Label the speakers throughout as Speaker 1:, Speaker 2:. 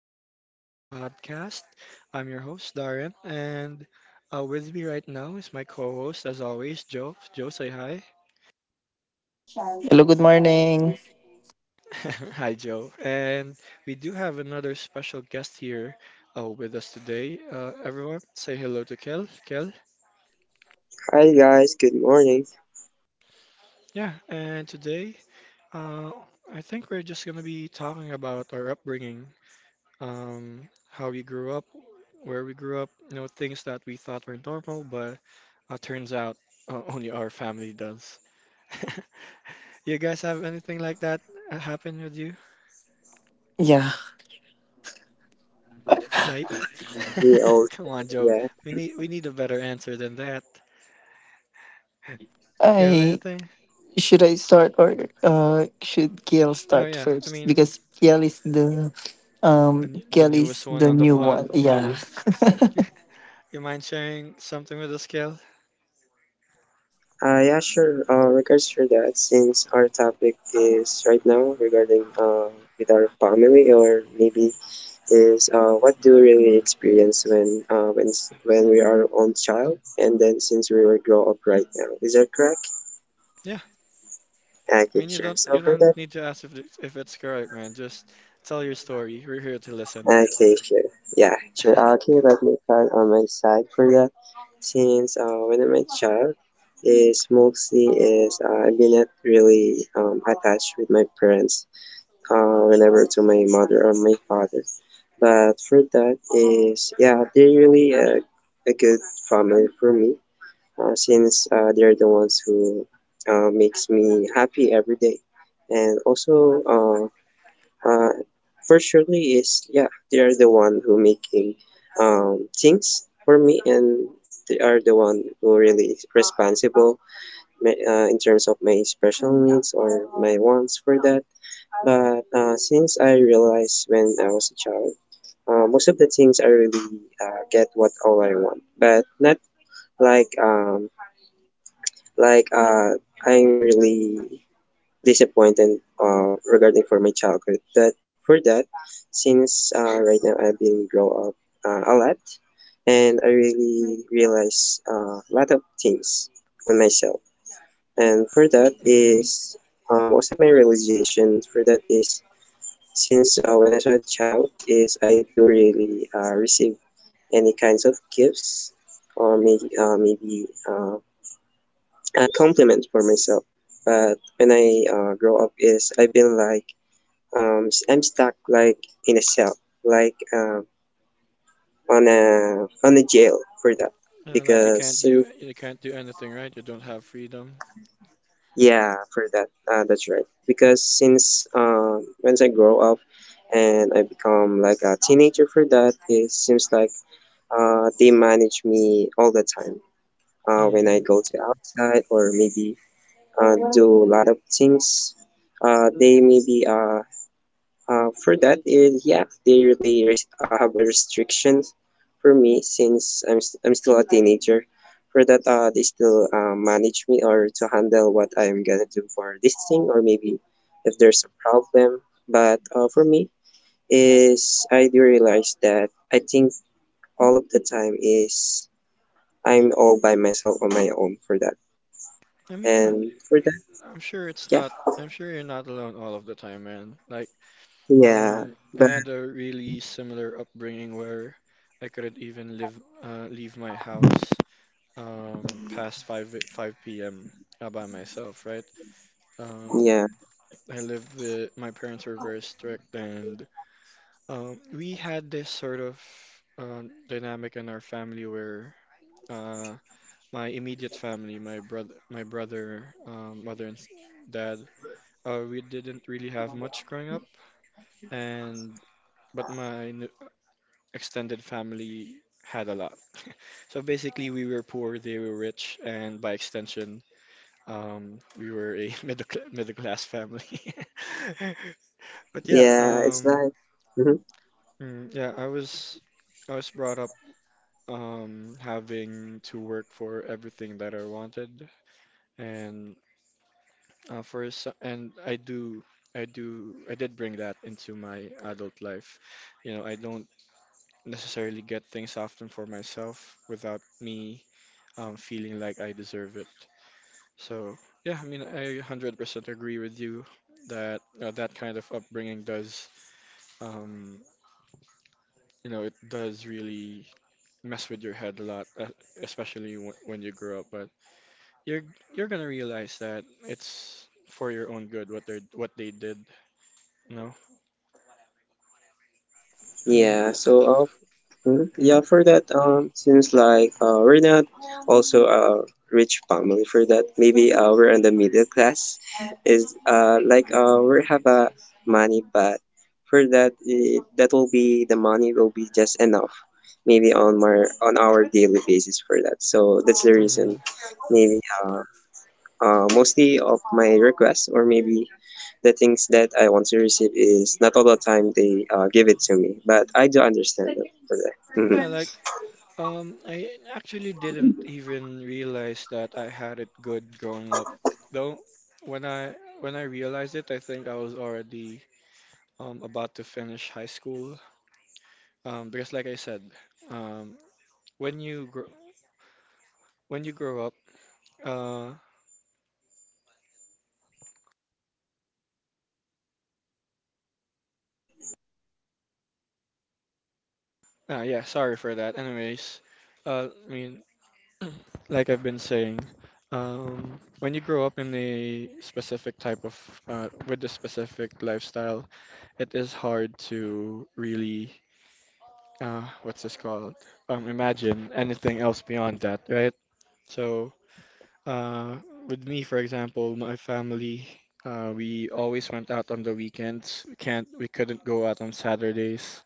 Speaker 1: episode of the podcast. I'm your host, Darren, and with me right now is my co host, as always, Joe. Joe, say hi.
Speaker 2: Hello, good morning.
Speaker 1: Hi, Joe. And we do have another special guest here with us today. Everyone, say hello to Kel. Kel.
Speaker 3: Hi guys, good morning.
Speaker 1: Yeah, and today, uh, I think we're just going to be talking about our upbringing, how we grew up, where we grew up, things that we thought were normal, but turns out only our family does. You guys have anything like that happen with you?
Speaker 2: Yeah.
Speaker 1: Like,
Speaker 3: We also
Speaker 1: come
Speaker 3: still
Speaker 1: on, Joe.
Speaker 3: here.
Speaker 1: We need a better answer than that. You have
Speaker 2: I
Speaker 1: anything?
Speaker 2: Should I start or should Kiel
Speaker 1: Oh
Speaker 2: start
Speaker 1: yeah, I
Speaker 2: first?
Speaker 1: mean
Speaker 2: Because Kiel is the
Speaker 1: the, n- the
Speaker 2: Gail is
Speaker 1: newest one
Speaker 2: the
Speaker 1: on the
Speaker 2: new one.
Speaker 1: pod.
Speaker 2: Yeah.
Speaker 1: Yeah. You mind sharing something with us, Kel?
Speaker 3: Yeah, sure. Regards for that, since our topic is right now regarding with our family or maybe is what do we really experience when when we are own child and then since we were grow up right now. Is that correct?
Speaker 1: Yeah. I
Speaker 3: Okay,
Speaker 1: mean you
Speaker 3: sure.
Speaker 1: don't
Speaker 3: So
Speaker 1: you
Speaker 3: for
Speaker 1: don't
Speaker 3: that.
Speaker 1: need to ask if it's correct, man. Just tell your story. We're here to listen.
Speaker 3: Okay, sure. Yeah, sure. Okay, let me start on my side for that. Since when I'm a child, is mostly is I've been not really attached with my parents. Whenever to my mother or my father. But for that is yeah, they're really a good family for me. Since they're the ones who makes me happy every day, and also Uh, virtually is yeah, they are the one who making things for me, and they are the one who really is responsible in terms of my special needs or my wants for that. But since I realized when I was a child, most of the things I really get what all I want, but not like um, like I'm really disappointed regarding for my childhood. But for that, since right now I've been grow up a lot, and I really realize a lot of things on myself. And for that
Speaker 1: Mm-hmm.
Speaker 3: is most of my realization for that is since when I was a child is I do really receive any kinds of gifts or maybe a compliment for myself. But when I grow up is I've been like I'm stuck like in a cell like on a jail for that
Speaker 1: Yeah, like you
Speaker 3: because
Speaker 1: can't
Speaker 3: since
Speaker 1: do you can't do anything, right? You don't have freedom.
Speaker 3: yeah for that that's right because since once I grow up and I become like a teenager for that it seems like they manage me all the time when I
Speaker 1: Mm.
Speaker 3: go to outside or maybe do a lot of things they maybe for that is yeah, they really have a restrictions for me since I'm still a teenager. For that, they still manage me or to handle what I'm gonna do for this thing or maybe if there's a problem. But for me is I do realize that I think all of the time is I'm all by myself on my own for that.
Speaker 1: I mean,
Speaker 3: And for that,
Speaker 1: I'm sure it's
Speaker 3: yeah,
Speaker 1: not. I'm sure you're not alone all of the time, man. Like,
Speaker 3: yeah,
Speaker 1: I had
Speaker 3: but
Speaker 1: a
Speaker 3: hmm?
Speaker 1: really similar upbringing where I couldn't even leave my house, past five p.m. By myself, right? Um,
Speaker 3: Yeah,
Speaker 1: I lived with my parents were very strict, and we had this sort of uh, dynamic in our family. Where. Uh, My immediate family, my brother, mother and dad. We didn't really have much growing up, and but my extended family had a lot. So basically, we were poor, they were rich, and by extension, we were a middle class family. But yeah,
Speaker 3: yeah, it's like. Hmm?
Speaker 1: yeah, I was brought up, having to work for everything that I wanted, and and I did bring that into my adult life. I don't necessarily get things often for myself without me feeling like I deserve it. So yeah, I mean, I 100% agree with you that that kind of upbringing does, um, it does really mess with your head a lot, especially w when you grow up. But you're you're gonna realize that it's for your own good what they did, you know. I mean,
Speaker 3: Yeah, so yeah, for that, since we're not also a rich family. For that, maybe we're in the middle class. Is we have a money, but for that, that will be the money will be just enough, maybe on our daily basis for that. So that's the
Speaker 1: mm-hmm.
Speaker 3: reason. Maybe mostly of my requests, or maybe the things that I want to receive is not all the time they give it to me, but I do understand it for that.
Speaker 1: Yeah, like
Speaker 3: Mhm.
Speaker 1: I actually didn't even realize that I had it good growing up. Though when I realized it, I think I was already about to finish high school. Because like I said, um, when you grow up, uh, yeah, sorry for that. Anyways, I mean, like I've been saying, when you grow up in a specific with a specific lifestyle, it is hard to really, what's this called? Imagine anything else beyond that, right? So, uh, with me, for example, my family, we always went out on the weekends. We couldn't go out on Saturdays.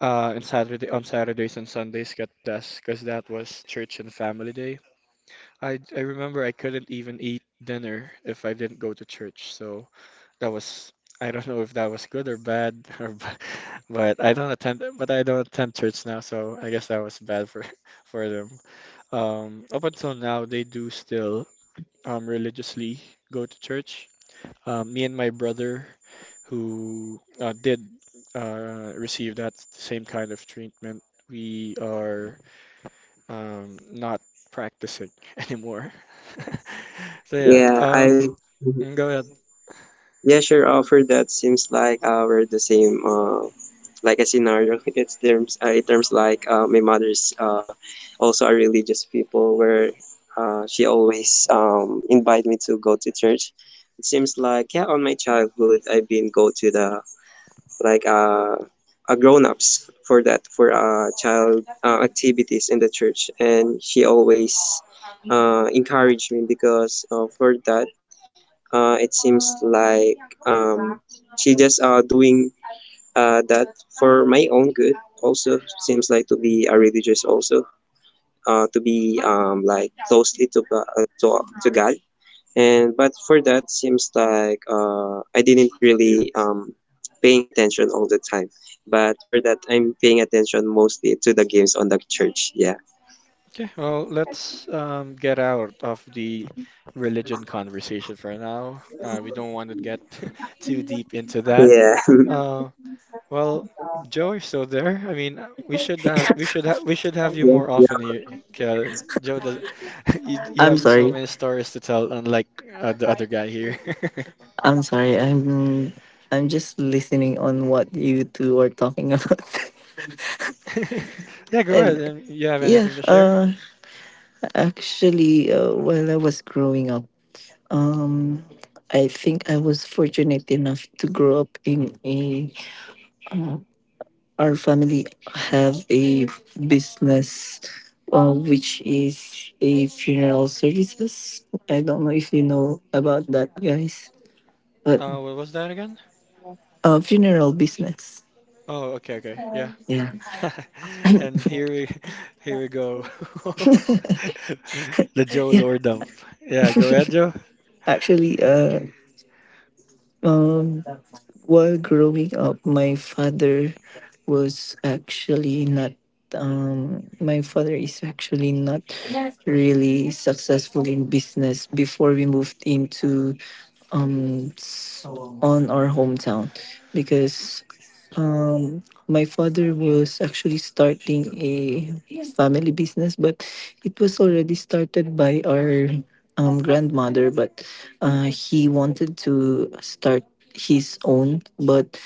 Speaker 1: And on Saturdays and Sundays, got us, because that was church and family day. I remember I couldn't even eat dinner if I didn't go to church. So that was, I don't know if that was good or bad, but I don't attend but I don't attend church now, so I guess that was bad for for them. Up until now they do still religiously go to church. Me and my brother, who did receive that same kind of treatment, we are not practicing anymore. So yeah,
Speaker 3: Yeah, I
Speaker 1: go ahead.
Speaker 3: yeah, sure. For that seems like we're the same like a scenario. It's terms in terms like my mother's also a religious people where she always invite me to go to church. It seems like yeah on my childhood I've been go to the like uh, a grown-ups for that for child activities in the church, and she always encouraged me because for that it seems like um, she just doing that for my own good, also seems like to be a religious also to be closely to god, and but for that seems like I didn't really paying attention all the time, but for that I'm paying attention mostly to the games on the church. Yeah.
Speaker 1: Okay, well, let's get out of the religion conversation for now. We don't want to get too deep into that.
Speaker 3: yeah
Speaker 1: Uh, well, Joe, you're still there. I mean, we should have we should have we should have you
Speaker 3: Yeah,
Speaker 1: more
Speaker 3: yo,
Speaker 1: often here.
Speaker 3: you're
Speaker 1: Kyle.
Speaker 3: next.
Speaker 1: Joe does. You
Speaker 2: I'm
Speaker 1: have so
Speaker 2: sorry.
Speaker 1: many stories to tell, unlike the other guy here.
Speaker 2: I'm sorry. I'm just listening on what you two are talking about.
Speaker 1: Yeah, go
Speaker 2: and
Speaker 1: ahead. You have
Speaker 2: yeah,
Speaker 1: anything to share?
Speaker 2: uh Actually, while I was growing up, um I think I was fortunate enough to grow up in a our family have a business, which is a funeral services. I don't know if you know about that, guys, but
Speaker 1: What was that again?
Speaker 2: funeral business.
Speaker 1: Oh, okay, okay, yeah.
Speaker 2: Yeah.
Speaker 1: And here we, here we go. The Joe
Speaker 2: Yeah,
Speaker 1: lore dump. Yeah, go ahead, Joe.
Speaker 2: actually um while growing up, was actually not my father is actually not really successful in business before we moved into um s- on our hometown. Because um my father was actually starting a family business, but it was already started by our grandmother. But he wanted to start his own, but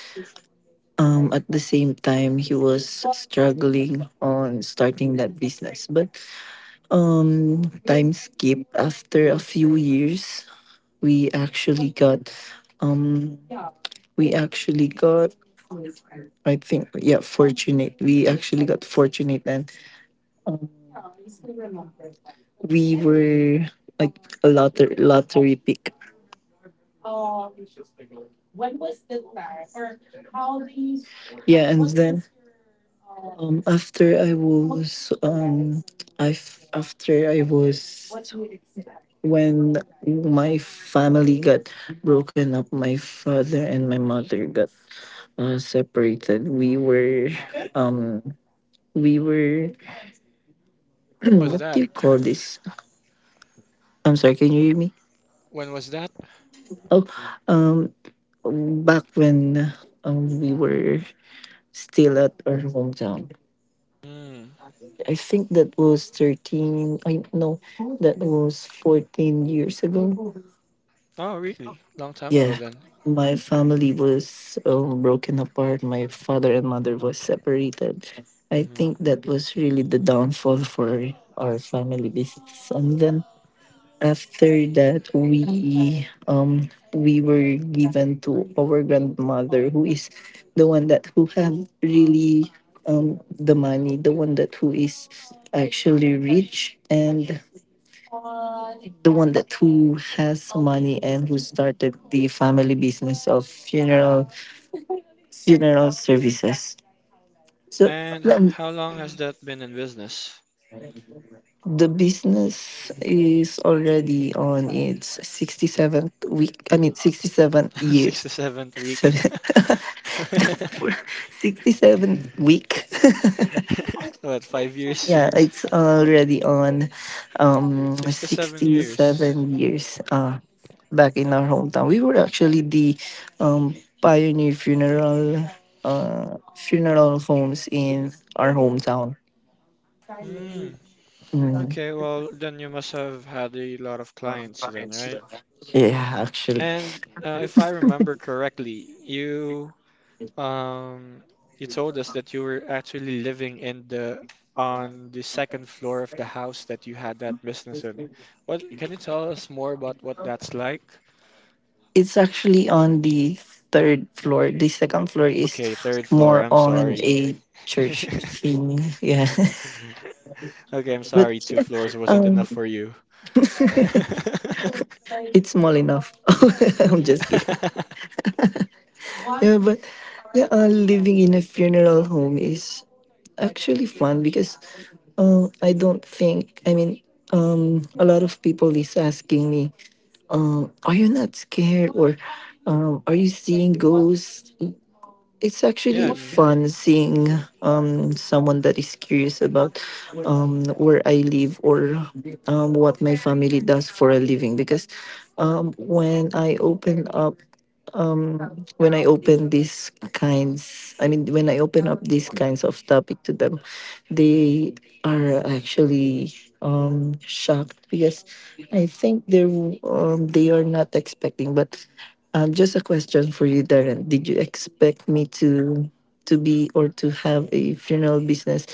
Speaker 2: at the same time he was struggling on starting that business. But um, time skip, after a few years, we actually got um we actually got, I think, yeah, fortunate we actually got fortunate. And um, we were like a lottery pick. Yeah. And then after I was I f- after I was when my family got broken up, my father and my mother got separated. We were um we were
Speaker 1: What was
Speaker 2: what do
Speaker 1: that?
Speaker 2: you call this? I'm sorry, can you hear me?
Speaker 1: When was that?
Speaker 2: Oh, um, back when we were still at our hometown,
Speaker 1: Mm.
Speaker 2: I think that was 13, I no, that was 14 years ago.
Speaker 1: Oh, really? Long time ago
Speaker 2: Yeah,
Speaker 1: then.
Speaker 2: my family was broken apart. My father and mother was separated. I think
Speaker 1: Hmm.
Speaker 2: that was really the downfall for our family business. And then after that we were given to our grandmother, who is the one that who have really the money, the one that who is actually rich and the one that who has money and who started the family business of funeral services. So
Speaker 1: And
Speaker 2: um,
Speaker 1: how long has that been in business?
Speaker 2: the business is already on its 67th week i mean 67th year.
Speaker 1: Six to seventh week.
Speaker 2: So, the 67th week.
Speaker 1: What, five years?
Speaker 2: Yeah, it's already on
Speaker 1: 6 to 7 years.
Speaker 2: 67 years, back in our hometown. We were actually the um, pioneer funeral homes in our hometown.
Speaker 1: Mm.
Speaker 2: Mm,
Speaker 1: Okay, well, then you must have had a lot of clients then, right?
Speaker 2: yeah, actually.
Speaker 1: And if I remember correctly, you um you told us that you were actually living in the on the second floor of the house that you had that business in. What can you tell us more about what that's like?
Speaker 2: It's actually on the third floor. The second floor is
Speaker 1: Okay, third floor.
Speaker 2: more
Speaker 1: I'm
Speaker 2: on
Speaker 1: sorry.
Speaker 2: a church thing. Yeah.
Speaker 1: Okay, I'm
Speaker 2: But
Speaker 1: sorry. Two
Speaker 2: yeah,
Speaker 1: floors wasn't enough
Speaker 2: um
Speaker 1: for you.
Speaker 2: it's small enough. I'm just kidding. Yeah, but yeah, living in a funeral home is actually fun because I don't think, I mean, a lot of people is asking me, are you not scared, or are you seeing ghosts? It's
Speaker 1: Yeah,
Speaker 2: actually
Speaker 1: I mean,
Speaker 2: fun seeing someone that is curious about where I live or what my family does for a living. Because when I open up, when I open these kinds, I mean, when I open up these kinds of topic to them, they are actually shocked, because I think they are not expecting. But just a question for you, Darren. Did you expect me to be, or to have a funeral business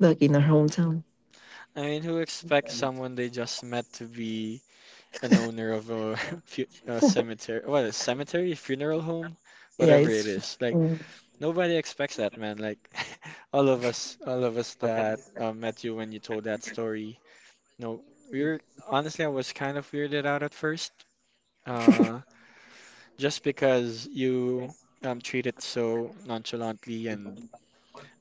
Speaker 2: back in our hometown?
Speaker 1: I mean, who expects someone they just met to be an owner of a, fu- a cemetery, what a cemetery, funeral home,
Speaker 2: Yeah,
Speaker 1: whatever it
Speaker 2: it's
Speaker 1: is. Like
Speaker 2: mm,
Speaker 1: nobody expects that, man. Like all of us that met you when you told that story. No, we were, honestly, I was kind of weirded out at first, uh, just because you treat it so nonchalantly, and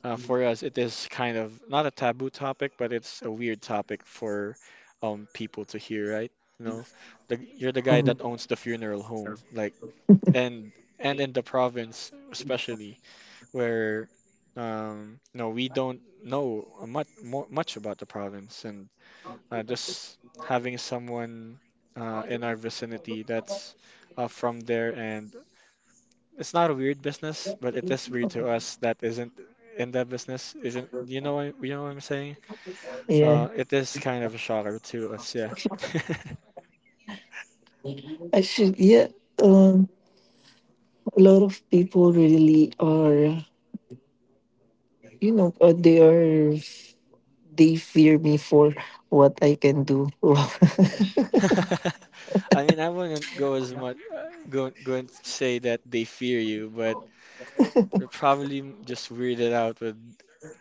Speaker 1: for us, it is kind of not a taboo topic, but it's a weird topic for people to hear, right? You know, you're the guy
Speaker 2: mm,
Speaker 1: that owns the funeral home, like, and and in the province especially, where no, we don't know much about the province, and just having someone in our vicinity that's from there, and it's not a weird business, but it is weird to us that isn't in that business. Isn't, you know what I'm saying?
Speaker 2: yeah.
Speaker 1: It is kind of a shocker to us, yeah.
Speaker 2: I should, yeah. Um, a lot of people really are, you know uh, they are they fear me for what I can do.
Speaker 1: I mean, I wouldn't go as much go and say that they fear you, but they're probably just weirded out with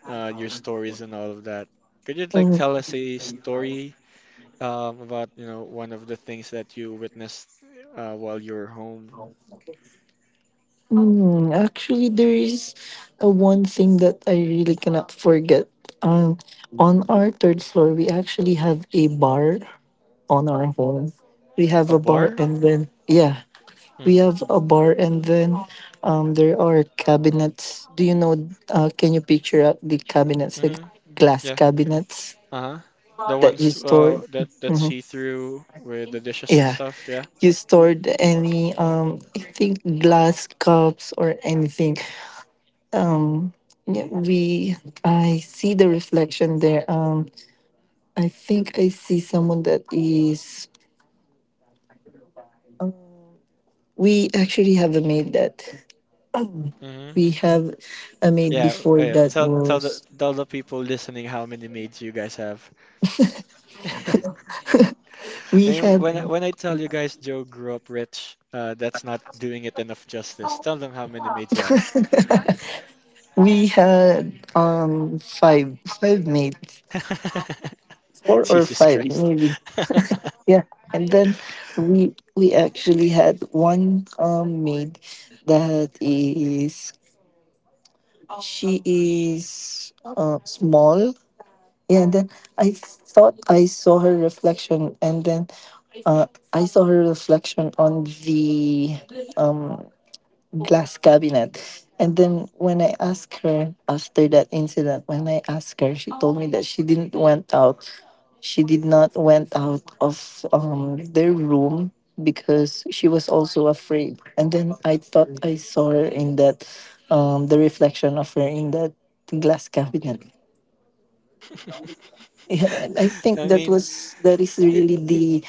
Speaker 1: your stories and all of that. Could you like
Speaker 2: Mm.
Speaker 1: tell us a story, about one of the things that you witnessed while you were home?
Speaker 2: Actually, there is a one thing that I really cannot forget. Um, on our third floor, we actually have a bar on our home. We have
Speaker 1: A
Speaker 2: a bar,
Speaker 1: bar?
Speaker 2: and then, yeah,
Speaker 1: Mm.
Speaker 2: we
Speaker 1: Hmm.
Speaker 2: have a bar, and then there are cabinets. Do you know? Can you picture out the cabinets, the
Speaker 1: Mm-hmm.
Speaker 2: glass
Speaker 1: Yeah.
Speaker 2: cabinets
Speaker 1: Uh-huh. The
Speaker 2: that you
Speaker 1: ones
Speaker 2: store?
Speaker 1: that
Speaker 2: Mhm.
Speaker 1: see through with the dishes and
Speaker 2: Yeah,
Speaker 1: stuff, yeah.
Speaker 2: you stored any I think glass cups or anything. um yeah, we I see the reflection there. I think I see someone that is um, we actually have a maid that um,
Speaker 1: Mm-hmm.
Speaker 2: we have a maid
Speaker 1: Yeah,
Speaker 2: before
Speaker 1: yeah.
Speaker 2: that
Speaker 1: Tell tell the
Speaker 2: was—
Speaker 1: tell the people listening how many maids you guys have. I
Speaker 2: we
Speaker 1: mean, when I-
Speaker 2: had
Speaker 1: when I tell you guys Joe grew up rich, that's not doing it enough justice. Tell them how many maids you have.
Speaker 2: we had five, five maids. Four or
Speaker 1: Jesus
Speaker 2: five,
Speaker 1: Christ.
Speaker 2: maybe. Yeah. And then we actually had one maid that is— she is small. Yeah, and then I thought I saw her reflection, and then uh, I saw her reflection on the um glass cabinet. And then when I asked her after that incident, when I asked her, she told me that she didn't went out. She did not went out of their room, because she was also afraid. And then I thought I saw her in that, the reflection of her in that glass cabinet. Yeah, and I think
Speaker 1: I mean,
Speaker 2: that is
Speaker 1: i-
Speaker 2: really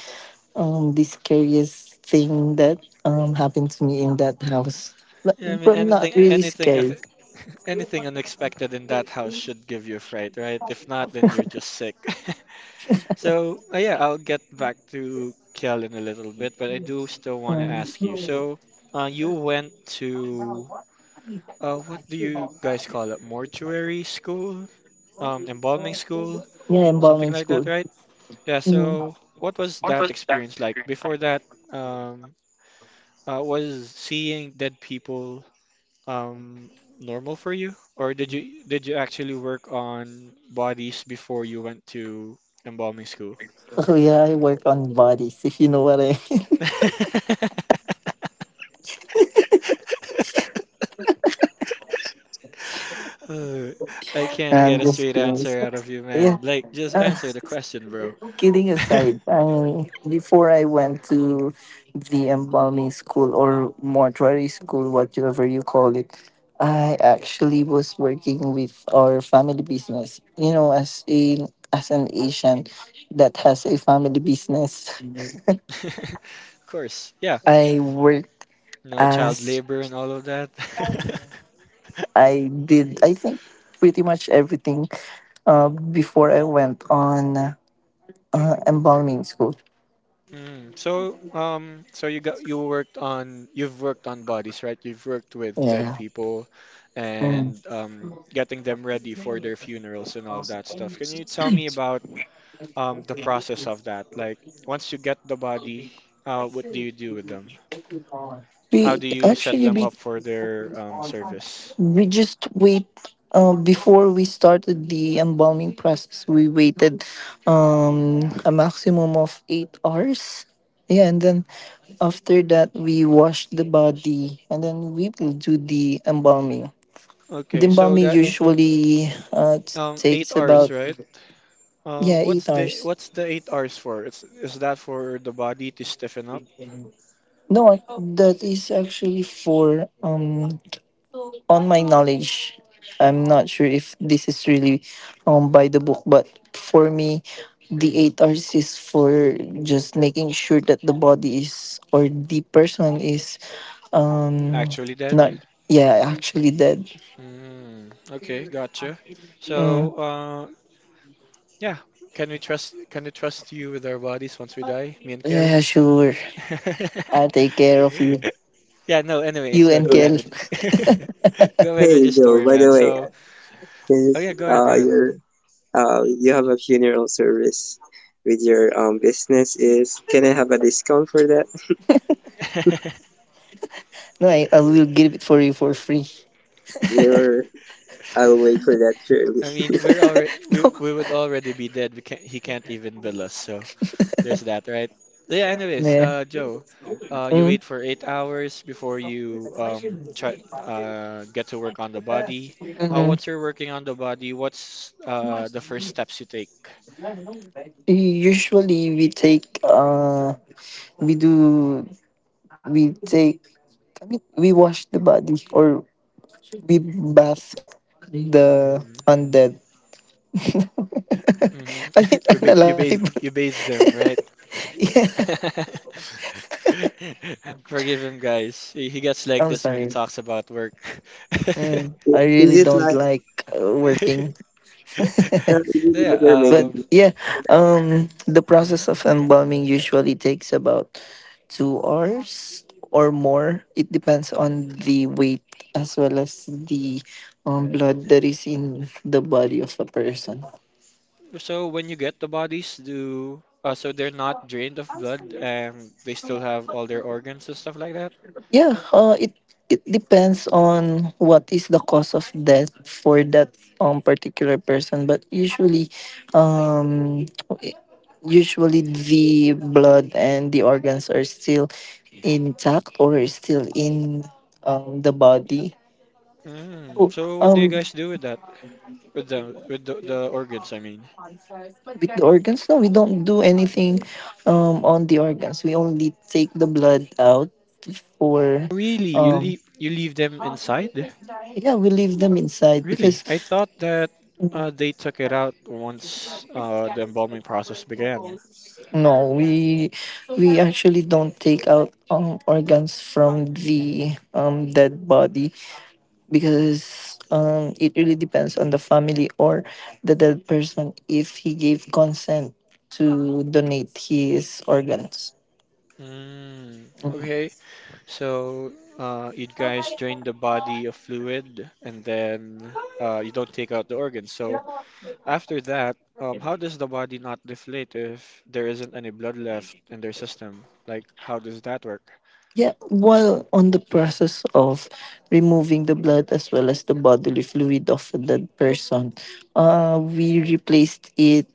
Speaker 2: the scariest thing that happened to me in that house. But
Speaker 1: yeah, I mean
Speaker 2: not
Speaker 1: anything,
Speaker 2: really scary.
Speaker 1: anything unexpected in that house should give you a fright, right? If not, then you're just sick. So yeah, I'll get back to Kel in a little bit, but I do still want to
Speaker 2: Um,
Speaker 1: ask you. So you went to, what do you guys call it? Mortuary school, embalming school,
Speaker 2: yeah,
Speaker 1: something
Speaker 2: embalming
Speaker 1: like that,
Speaker 2: school.
Speaker 1: right? Yeah.
Speaker 2: Mhm.
Speaker 1: So what was that experience like? Before that, um, was seeing dead people um normal for you? Or did you actually work on bodies before you went to embalming school?
Speaker 2: So yeah, I work on bodies, if you know what I mean.
Speaker 1: Uh, I can't get
Speaker 2: I'm
Speaker 1: a
Speaker 2: just
Speaker 1: straight
Speaker 2: kidding.
Speaker 1: answer out of you,
Speaker 2: Yeah,
Speaker 1: man. Like, just
Speaker 2: uh,
Speaker 1: answer the question, bro.
Speaker 2: kidding aside, before I went to the embalming school, or mortuary school, whatever you call it, I actually was working with our family business. You know, as a as an Asian that has a family business.
Speaker 1: Of course, yeah.
Speaker 2: I work
Speaker 1: No child
Speaker 2: as
Speaker 1: labor and all of that.
Speaker 2: I did, I think, pretty much everything before I went on embalming school.
Speaker 1: Mm. So you got you worked on you've worked on bodies, right? You've worked with dead
Speaker 2: Yeah.
Speaker 1: people
Speaker 2: Mm.
Speaker 1: and, getting them ready for their funerals and all that stuff. Can you tell me about, the process of that? Like, once you get the body, what do you do with them? How
Speaker 2: We
Speaker 1: do you set
Speaker 2: actually
Speaker 1: them
Speaker 2: we,
Speaker 1: up for their, service?
Speaker 2: we just wait, before we started the embalming process. We waited a maximum of 8 hours. Yeah, and then after that we wash the body, and then we will do the embalming. The
Speaker 1: Okay, so
Speaker 2: embalming
Speaker 1: that,
Speaker 2: usually
Speaker 1: eight
Speaker 2: takes
Speaker 1: hours,
Speaker 2: about,
Speaker 1: right?
Speaker 2: yeah, eight
Speaker 1: What's the
Speaker 2: hours.
Speaker 1: what's the 8 hours for? It's Is that for the body to stiffen up,
Speaker 2: No, that is actually for, on my knowledge. I'm not sure if this is really by the book, but for me, the 8 hours is for just making sure that the body is, or the person is, um
Speaker 1: actually
Speaker 2: not,
Speaker 1: dead?
Speaker 2: yeah, actually dead.
Speaker 1: Mm, okay, gotcha.
Speaker 2: Mm.
Speaker 1: So, yeah, can we trust you with our bodies once we die, me and Kel?
Speaker 2: Yeah, sure. I'll take care of you.
Speaker 1: Yeah, no, anyways,
Speaker 2: You and
Speaker 1: go
Speaker 3: Hey,
Speaker 1: ahead
Speaker 2: Kel.
Speaker 1: with go ahead with
Speaker 3: hey,
Speaker 1: your
Speaker 3: Bill,
Speaker 1: story,
Speaker 3: by
Speaker 1: man.
Speaker 3: the way,
Speaker 1: So, oh
Speaker 3: since
Speaker 1: yeah, go ahead, go
Speaker 3: you have a funeral service with your business, is can I have a discount for that?
Speaker 1: ahead.
Speaker 2: No, I will give it for you for free.
Speaker 3: Your I'll wait for that surely.
Speaker 1: I mean, we're already we
Speaker 2: No.
Speaker 1: we would already be dead. We can't He can't even bill us, so. There's that, right? Yeah, anyways,
Speaker 2: Yeah.
Speaker 1: Joe, you
Speaker 2: Mm.
Speaker 1: wait for 8 hours before you try get to work on the body.
Speaker 2: Mm,
Speaker 1: Once you're working on the body, what's the first steps you take?
Speaker 2: usually we take we do we take I mean, we wash the body, or we bath the
Speaker 1: Mm,
Speaker 2: undead.
Speaker 1: hmm.
Speaker 2: I mean,
Speaker 1: We ba
Speaker 2: unalive.
Speaker 1: you bathe them, right?
Speaker 2: Yeah,
Speaker 1: Forgive him, guys. He gets
Speaker 2: I'm
Speaker 1: like this when he
Speaker 2: sorry.
Speaker 1: talks about work.
Speaker 3: I-
Speaker 2: I
Speaker 3: Is
Speaker 2: really
Speaker 3: it
Speaker 2: don't
Speaker 3: like
Speaker 2: like, working.
Speaker 3: uh, is it like you're
Speaker 2: But
Speaker 3: making
Speaker 1: Yeah.
Speaker 3: a
Speaker 2: yeah,
Speaker 3: laundry for that?
Speaker 2: the process
Speaker 1: Um.
Speaker 2: of embalming usually takes about 2 hours or more. It depends on the weight as well as the blood that is in the body of a person.
Speaker 1: So when you get the bodies, do so they're not drained of blood and they still have all their organs and stuff like that.
Speaker 2: Yeah, it depends on what is the cause of death for that particular person, but usually, um, the blood and the organs are still intact, or still in the body.
Speaker 1: Mm.
Speaker 2: Oh,
Speaker 1: So what do you
Speaker 2: um,
Speaker 1: guys do with that? With the organs, I mean.
Speaker 2: with the organs, no, we don't do anything on the organs. We only take the blood out, for,
Speaker 1: Really, you
Speaker 2: um,
Speaker 1: leave them inside?
Speaker 2: yeah, we leave them inside.
Speaker 1: Really?
Speaker 2: Because,
Speaker 1: I thought that
Speaker 2: mm,
Speaker 1: they took it out once the embalming process began.
Speaker 2: no, we actually don't take out organs from the dead body. Because it really depends on the family, or the dead person, if he gave consent to donate his organs.
Speaker 1: Mm,
Speaker 2: Mhm.
Speaker 1: okay. So, you guys drain the body of fluid and then you don't take out the organs. So, after that, how does the body not deflate if there isn't any blood left in their system? Like, how does that work?
Speaker 2: Yeah, while on the process of removing the blood as well as the bodily fluid of a dead person, we replaced it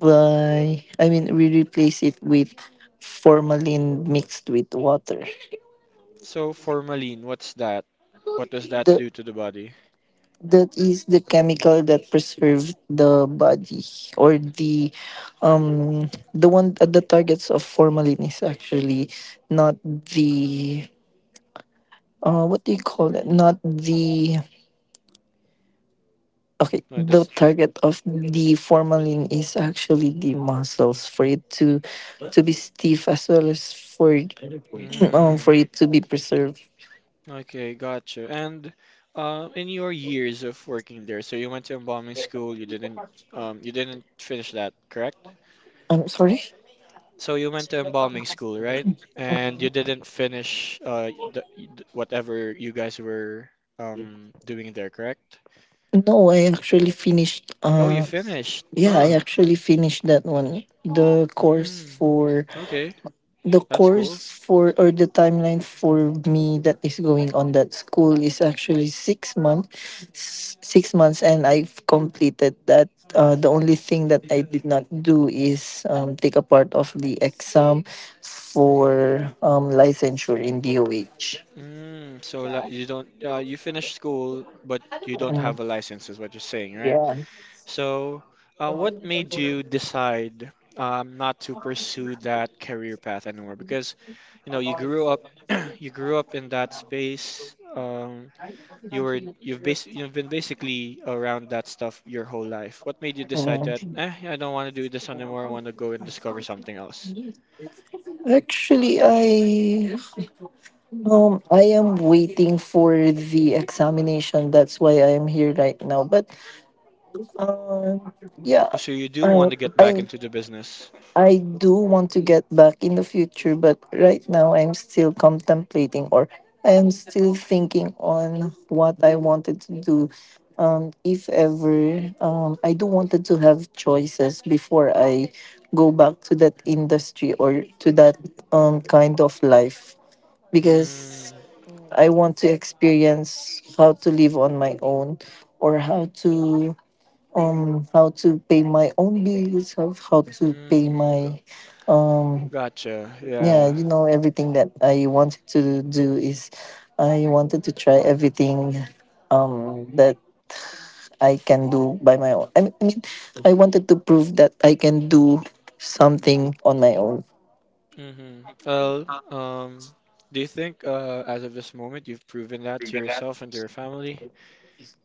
Speaker 2: by, I mean, we replace it with formalin mixed with water.
Speaker 1: So, formalin, what's that? What does that
Speaker 2: The
Speaker 1: do to the body?
Speaker 2: That is the chemical that preserve the body. Or the, the one the targets of formalin is actually not the, what do you call that, not the, okay,
Speaker 1: I
Speaker 2: the
Speaker 1: just,
Speaker 2: target of the formalin is actually the muscles, for it to be stiff, as well as for for
Speaker 1: mm,
Speaker 2: it to be preserved.
Speaker 1: okay, gotcha. And in your years of working there, so you went to embalming school, you didn't finish that, correct?
Speaker 2: I'm sorry.
Speaker 1: So you went to embalming school, right? And you
Speaker 2: Mm,
Speaker 1: didn't finish whatever you guys were doing there, correct?
Speaker 2: no, I actually finished.
Speaker 1: Oh, you finished.
Speaker 2: Yeah, I actually finished that one. The course
Speaker 1: Mm,
Speaker 2: for
Speaker 1: okay,
Speaker 2: the
Speaker 1: that's
Speaker 2: course
Speaker 1: cool.
Speaker 2: for or the timeline for me, that is going on that school, is actually 6 months. 6 months, and I've completed that. The only thing that I did not do is, take a part of the exam for, licensure in DOH.
Speaker 1: Mm, so like you don't, you finished school, but you don't
Speaker 2: Mm,
Speaker 1: have a license, is what you're saying, right?
Speaker 2: yeah.
Speaker 1: So, what made you decide not to pursue that career path anymore? Because, you know, you grew up you grew up in that space. You've been basically around that stuff your whole life. What made you decide that,
Speaker 2: Mm.
Speaker 1: eh, I don't want to do this anymore. I want to go and discover something else?
Speaker 2: Actually, I am waiting for the examination. That's why I am here right now. But um, yeah,
Speaker 1: So you do want
Speaker 2: I
Speaker 1: to get back
Speaker 2: I
Speaker 1: into the business.
Speaker 2: I do want to get back in the future, but right now I'm still contemplating, or I am still thinking on what I wanted to do. If ever, I do wanted to have choices before I go back to that industry, or to that kind of life,
Speaker 1: Mm,
Speaker 2: because I want to experience how to live on my own, or how to, how to pay my own bills, how to pay
Speaker 1: mm, g-
Speaker 2: my, um
Speaker 1: Gotcha. Yeah.
Speaker 2: everything that I wanted to do is— I wanted to try everything that I can do by my own. I mean, I wanted to prove that I can do something on my own.
Speaker 1: Mm-hmm. Well, do you think as of this moment you've proven that to yourself and to your family?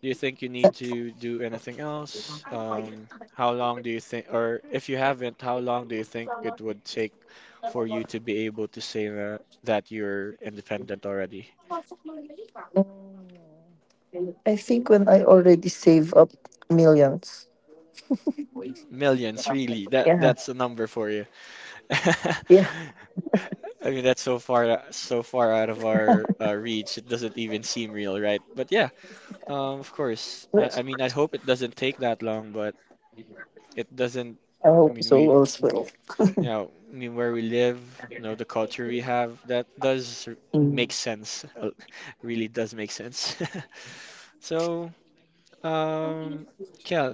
Speaker 1: Do you think you
Speaker 2: Uh,
Speaker 1: need to do anything else? How long do you think, or if you haven't, how long do you think it would take for you to be able to say that, that you're independent already?
Speaker 2: mm, I think when I already save up millions.
Speaker 1: Millions, really. That that's a
Speaker 2: Yeah.
Speaker 1: number for you.
Speaker 2: Yeah.
Speaker 1: I mean, that's so far out of our reach. It doesn't even seem real, right? But yeah, of course. I mean,
Speaker 2: Yes.
Speaker 1: I hope it doesn't take that long, but it doesn't. I
Speaker 2: I
Speaker 1: mean,
Speaker 2: hope
Speaker 1: we,
Speaker 2: so, all's well.
Speaker 1: you know, I mean, where we live, you know, the culture we have, make
Speaker 2: Mm.
Speaker 1: sense. Really does make sense. So, um, Kel,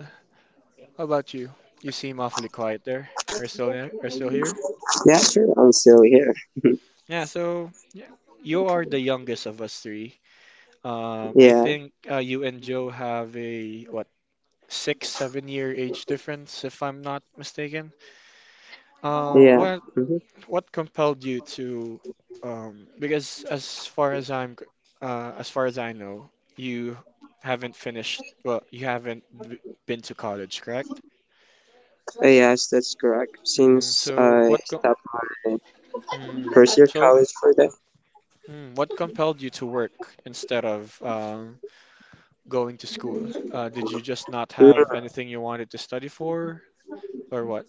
Speaker 1: how about you? You seem awfully quiet there. Are you still there? Are you still here?
Speaker 3: Yeah, sure, I'm still here.
Speaker 1: Yeah. So, yeah, you are the youngest of us three. I
Speaker 3: Yeah,
Speaker 1: think you and Joe have a what, six, 7 year age difference, if I'm not mistaken. Uh,
Speaker 3: yeah.
Speaker 1: what
Speaker 3: Mhm.
Speaker 1: what compelled you to? Because as far as I know, you haven't finished. Well, you haven't b been to college, correct?
Speaker 3: Yes, that's correct.
Speaker 1: Mm,
Speaker 3: Since
Speaker 1: so what?
Speaker 3: I
Speaker 1: Co
Speaker 3: stopped my
Speaker 1: mm,
Speaker 3: first year
Speaker 1: so
Speaker 3: college for that.
Speaker 1: mm, What compelled you to work instead of going to school? Did you just not have
Speaker 3: Mm.
Speaker 1: anything you wanted to study for, or what?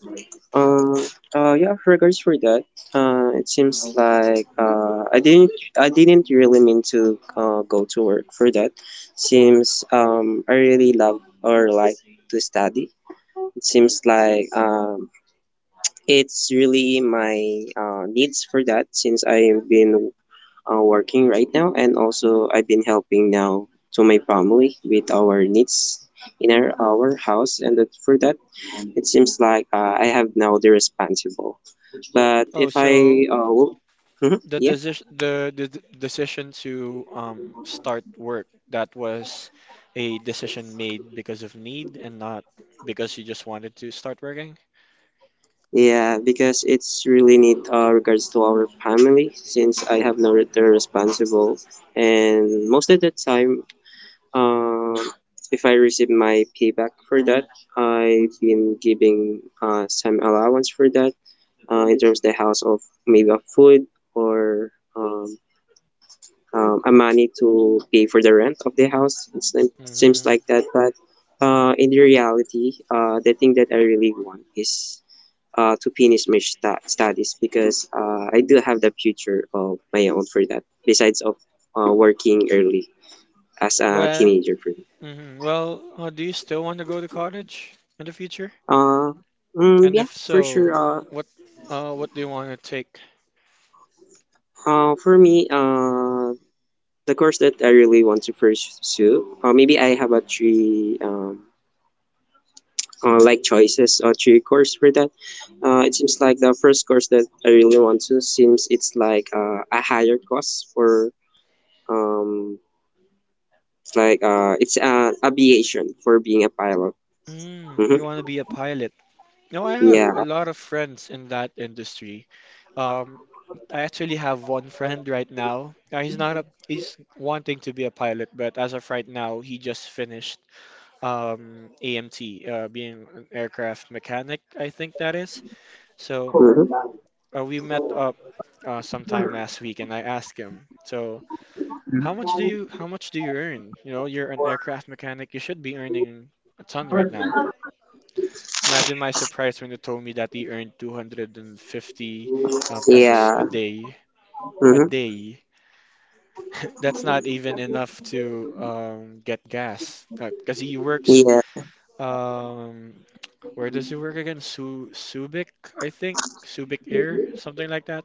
Speaker 3: Uh, yeah, regards for that. It seems like I didn't really mean to go to work for that. Seems I really love or like to study. It seems like it's really my needs for that since I've been working right now, and also I've been helping now to my family with our needs in our house and that for that it seems like I have now the responsible. But
Speaker 1: Oh,
Speaker 3: if
Speaker 1: so
Speaker 3: I wo- Mhm,
Speaker 1: the
Speaker 3: yeah.
Speaker 1: decision the, the d- decision to start work, that was a decision made because of need and not because you just wanted to start working.
Speaker 3: Yeah, because it's really need regards to our family since I have no return responsible, and most of the time um if I receive my payback for that I've been giving some allowance for that in terms of the house of maybe of food or a money to pay for the rent of the house. It seems
Speaker 1: Hmm.
Speaker 3: like that, but in the reality, the thing that I really want is to finish my studies because I do have the future of my own for that. Besides of working early as a
Speaker 1: But
Speaker 3: teenager for me.
Speaker 1: mhm. Well, do you still want to go to college in the future?
Speaker 3: Uh,
Speaker 1: And
Speaker 3: yeah,
Speaker 1: if
Speaker 3: for sure.
Speaker 1: so, what, what do you want to take?
Speaker 3: For me, the course that I really want to pursue, maybe I have a three choices or three course for that. It seems like the first course that I really want to seems it's like a higher cost for um like it's aviation for being a pilot.
Speaker 1: Mm,
Speaker 3: Hmm.
Speaker 1: you want to be a pilot. No, I have a
Speaker 3: Yeah.
Speaker 1: lot of friends in that industry. Um, I actually have one friend right now. He's not a, he's wanting to be a pilot, but as of right now, he just finished AMT, being an aircraft mechanic, I think that is. So
Speaker 3: Hmm.
Speaker 1: we met up sometime last week, and I asked him, so how much do
Speaker 3: Hmm.
Speaker 1: you how much do you earn? You know, you're an aircraft mechanic, you should be earning a ton right now. Imagine my surprise when they told me that they earned 250 pesos a
Speaker 3: Yeah.
Speaker 1: day. A
Speaker 3: Hmm.
Speaker 1: day. That's not even enough to get gas. Because he works,
Speaker 3: Yeah.
Speaker 1: um, where does he work again? Su Subic, I think. Subic Air, something like that.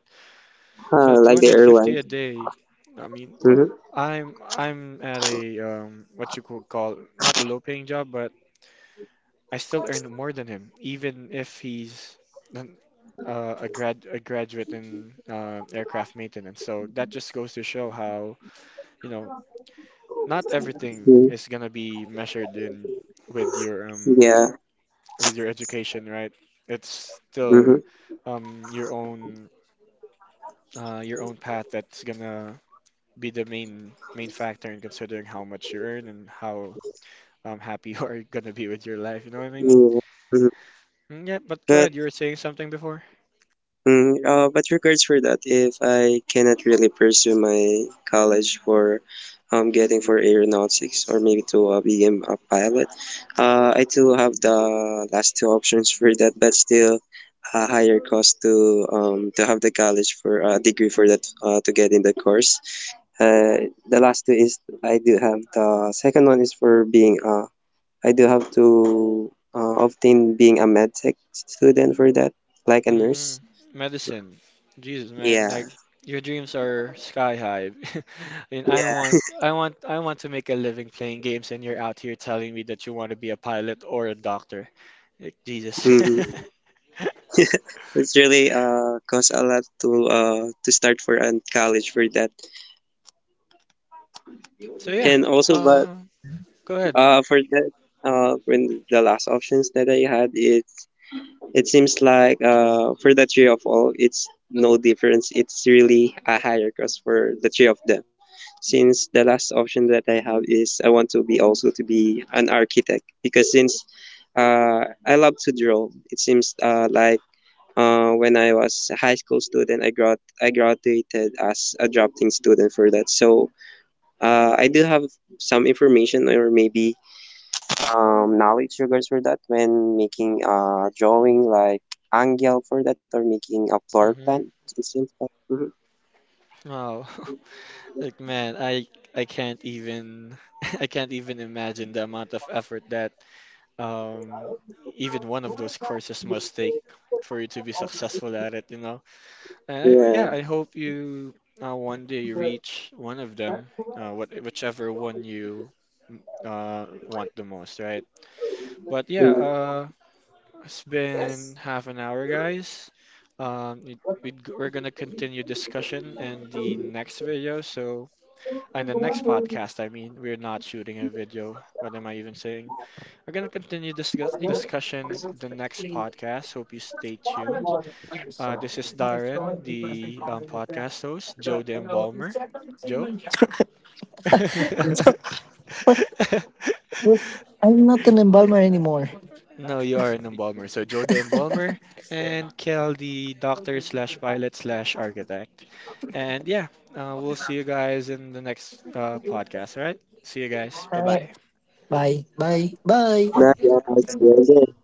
Speaker 1: So
Speaker 3: Like the
Speaker 1: 250 a
Speaker 3: airlines.
Speaker 1: day. I mean,
Speaker 3: Hmm.
Speaker 1: I'm at a what you could call not a low-paying job, but I still earn more than him, even if he's a graduate in aircraft maintenance. So that just goes to show how, you know, not everything is gonna be measured in with your um
Speaker 3: Yeah.
Speaker 1: with your education, right? It's still
Speaker 3: Hmm.
Speaker 1: um your own your own path that's gonna be the main factor in considering how much you earn and how happy you are gonna be with your life. You know what I mean?
Speaker 3: Yeah. hmm
Speaker 1: Mm, yeah, but go ahead. You were saying something before.
Speaker 3: But regards for that, if I cannot really pursue my college for getting for aeronautics or maybe to be a pilot, I do have the last two options for that, but still a higher cost to have the college for a degree for that to get in the course. The last two is I do have the second one is for being I do have to obtain being a med tech student for that, like a
Speaker 1: Hmm.
Speaker 3: nurse.
Speaker 1: Medicine. Jesus, man,
Speaker 3: Yeah,
Speaker 1: like your dreams are sky high. I mean,
Speaker 3: yeah.
Speaker 1: I want to make a living playing games, and you're out here telling me that you want to be a pilot or a doctor. Like, Jesus.
Speaker 3: Mhm. It's really cost a lot to start for and college for that,
Speaker 1: So yeah,
Speaker 3: and also but
Speaker 1: uh,
Speaker 3: Mhm.
Speaker 1: go ahead.
Speaker 3: For that when the last options that I had it. It seems like for the three of all, it's no difference. It's really a higher cost for the three of them. Since the last option that I have is I want to be also to be an architect, because since I love to draw, it seems when I was a high school student, I graduated as a drafting student for that. So I do have some information or maybe knowledge regards for that when making a drawing like angle for that or making a floor plan
Speaker 1: Hmm.
Speaker 3: it seems like. Hmm.
Speaker 1: Wow. Like, man, I can't even, I can't even imagine the amount of effort that, um, even one of those courses must take for you to be successful at it, you know.
Speaker 3: Yeah.
Speaker 1: Yeah, I hope you one day reach one of them, what, whichever one you want the most, right? But yeah,
Speaker 3: Mhm.
Speaker 1: it's been half an hour, guys. We're gonna continue discussion in the next video. So, in the next podcast, I mean, we're not shooting a video. What am I even saying? We're gonna continue this discussion in the next podcast. Hope you stay tuned. This is Darren, the podcast host, Joe the Embalmer. Joe?
Speaker 2: Yes, I'm not an embalmer anymore.
Speaker 1: No, you are an embalmer. So Joe the Embalmer and Kel the doctor slash pilot slash architect. And yeah, we'll see you guys in the next podcast. All right? See you guys. Bye
Speaker 2: Bye.
Speaker 1: bye.
Speaker 2: Bye. Bye.
Speaker 3: Right,
Speaker 2: Bye.
Speaker 3: yeah, I see. Okay.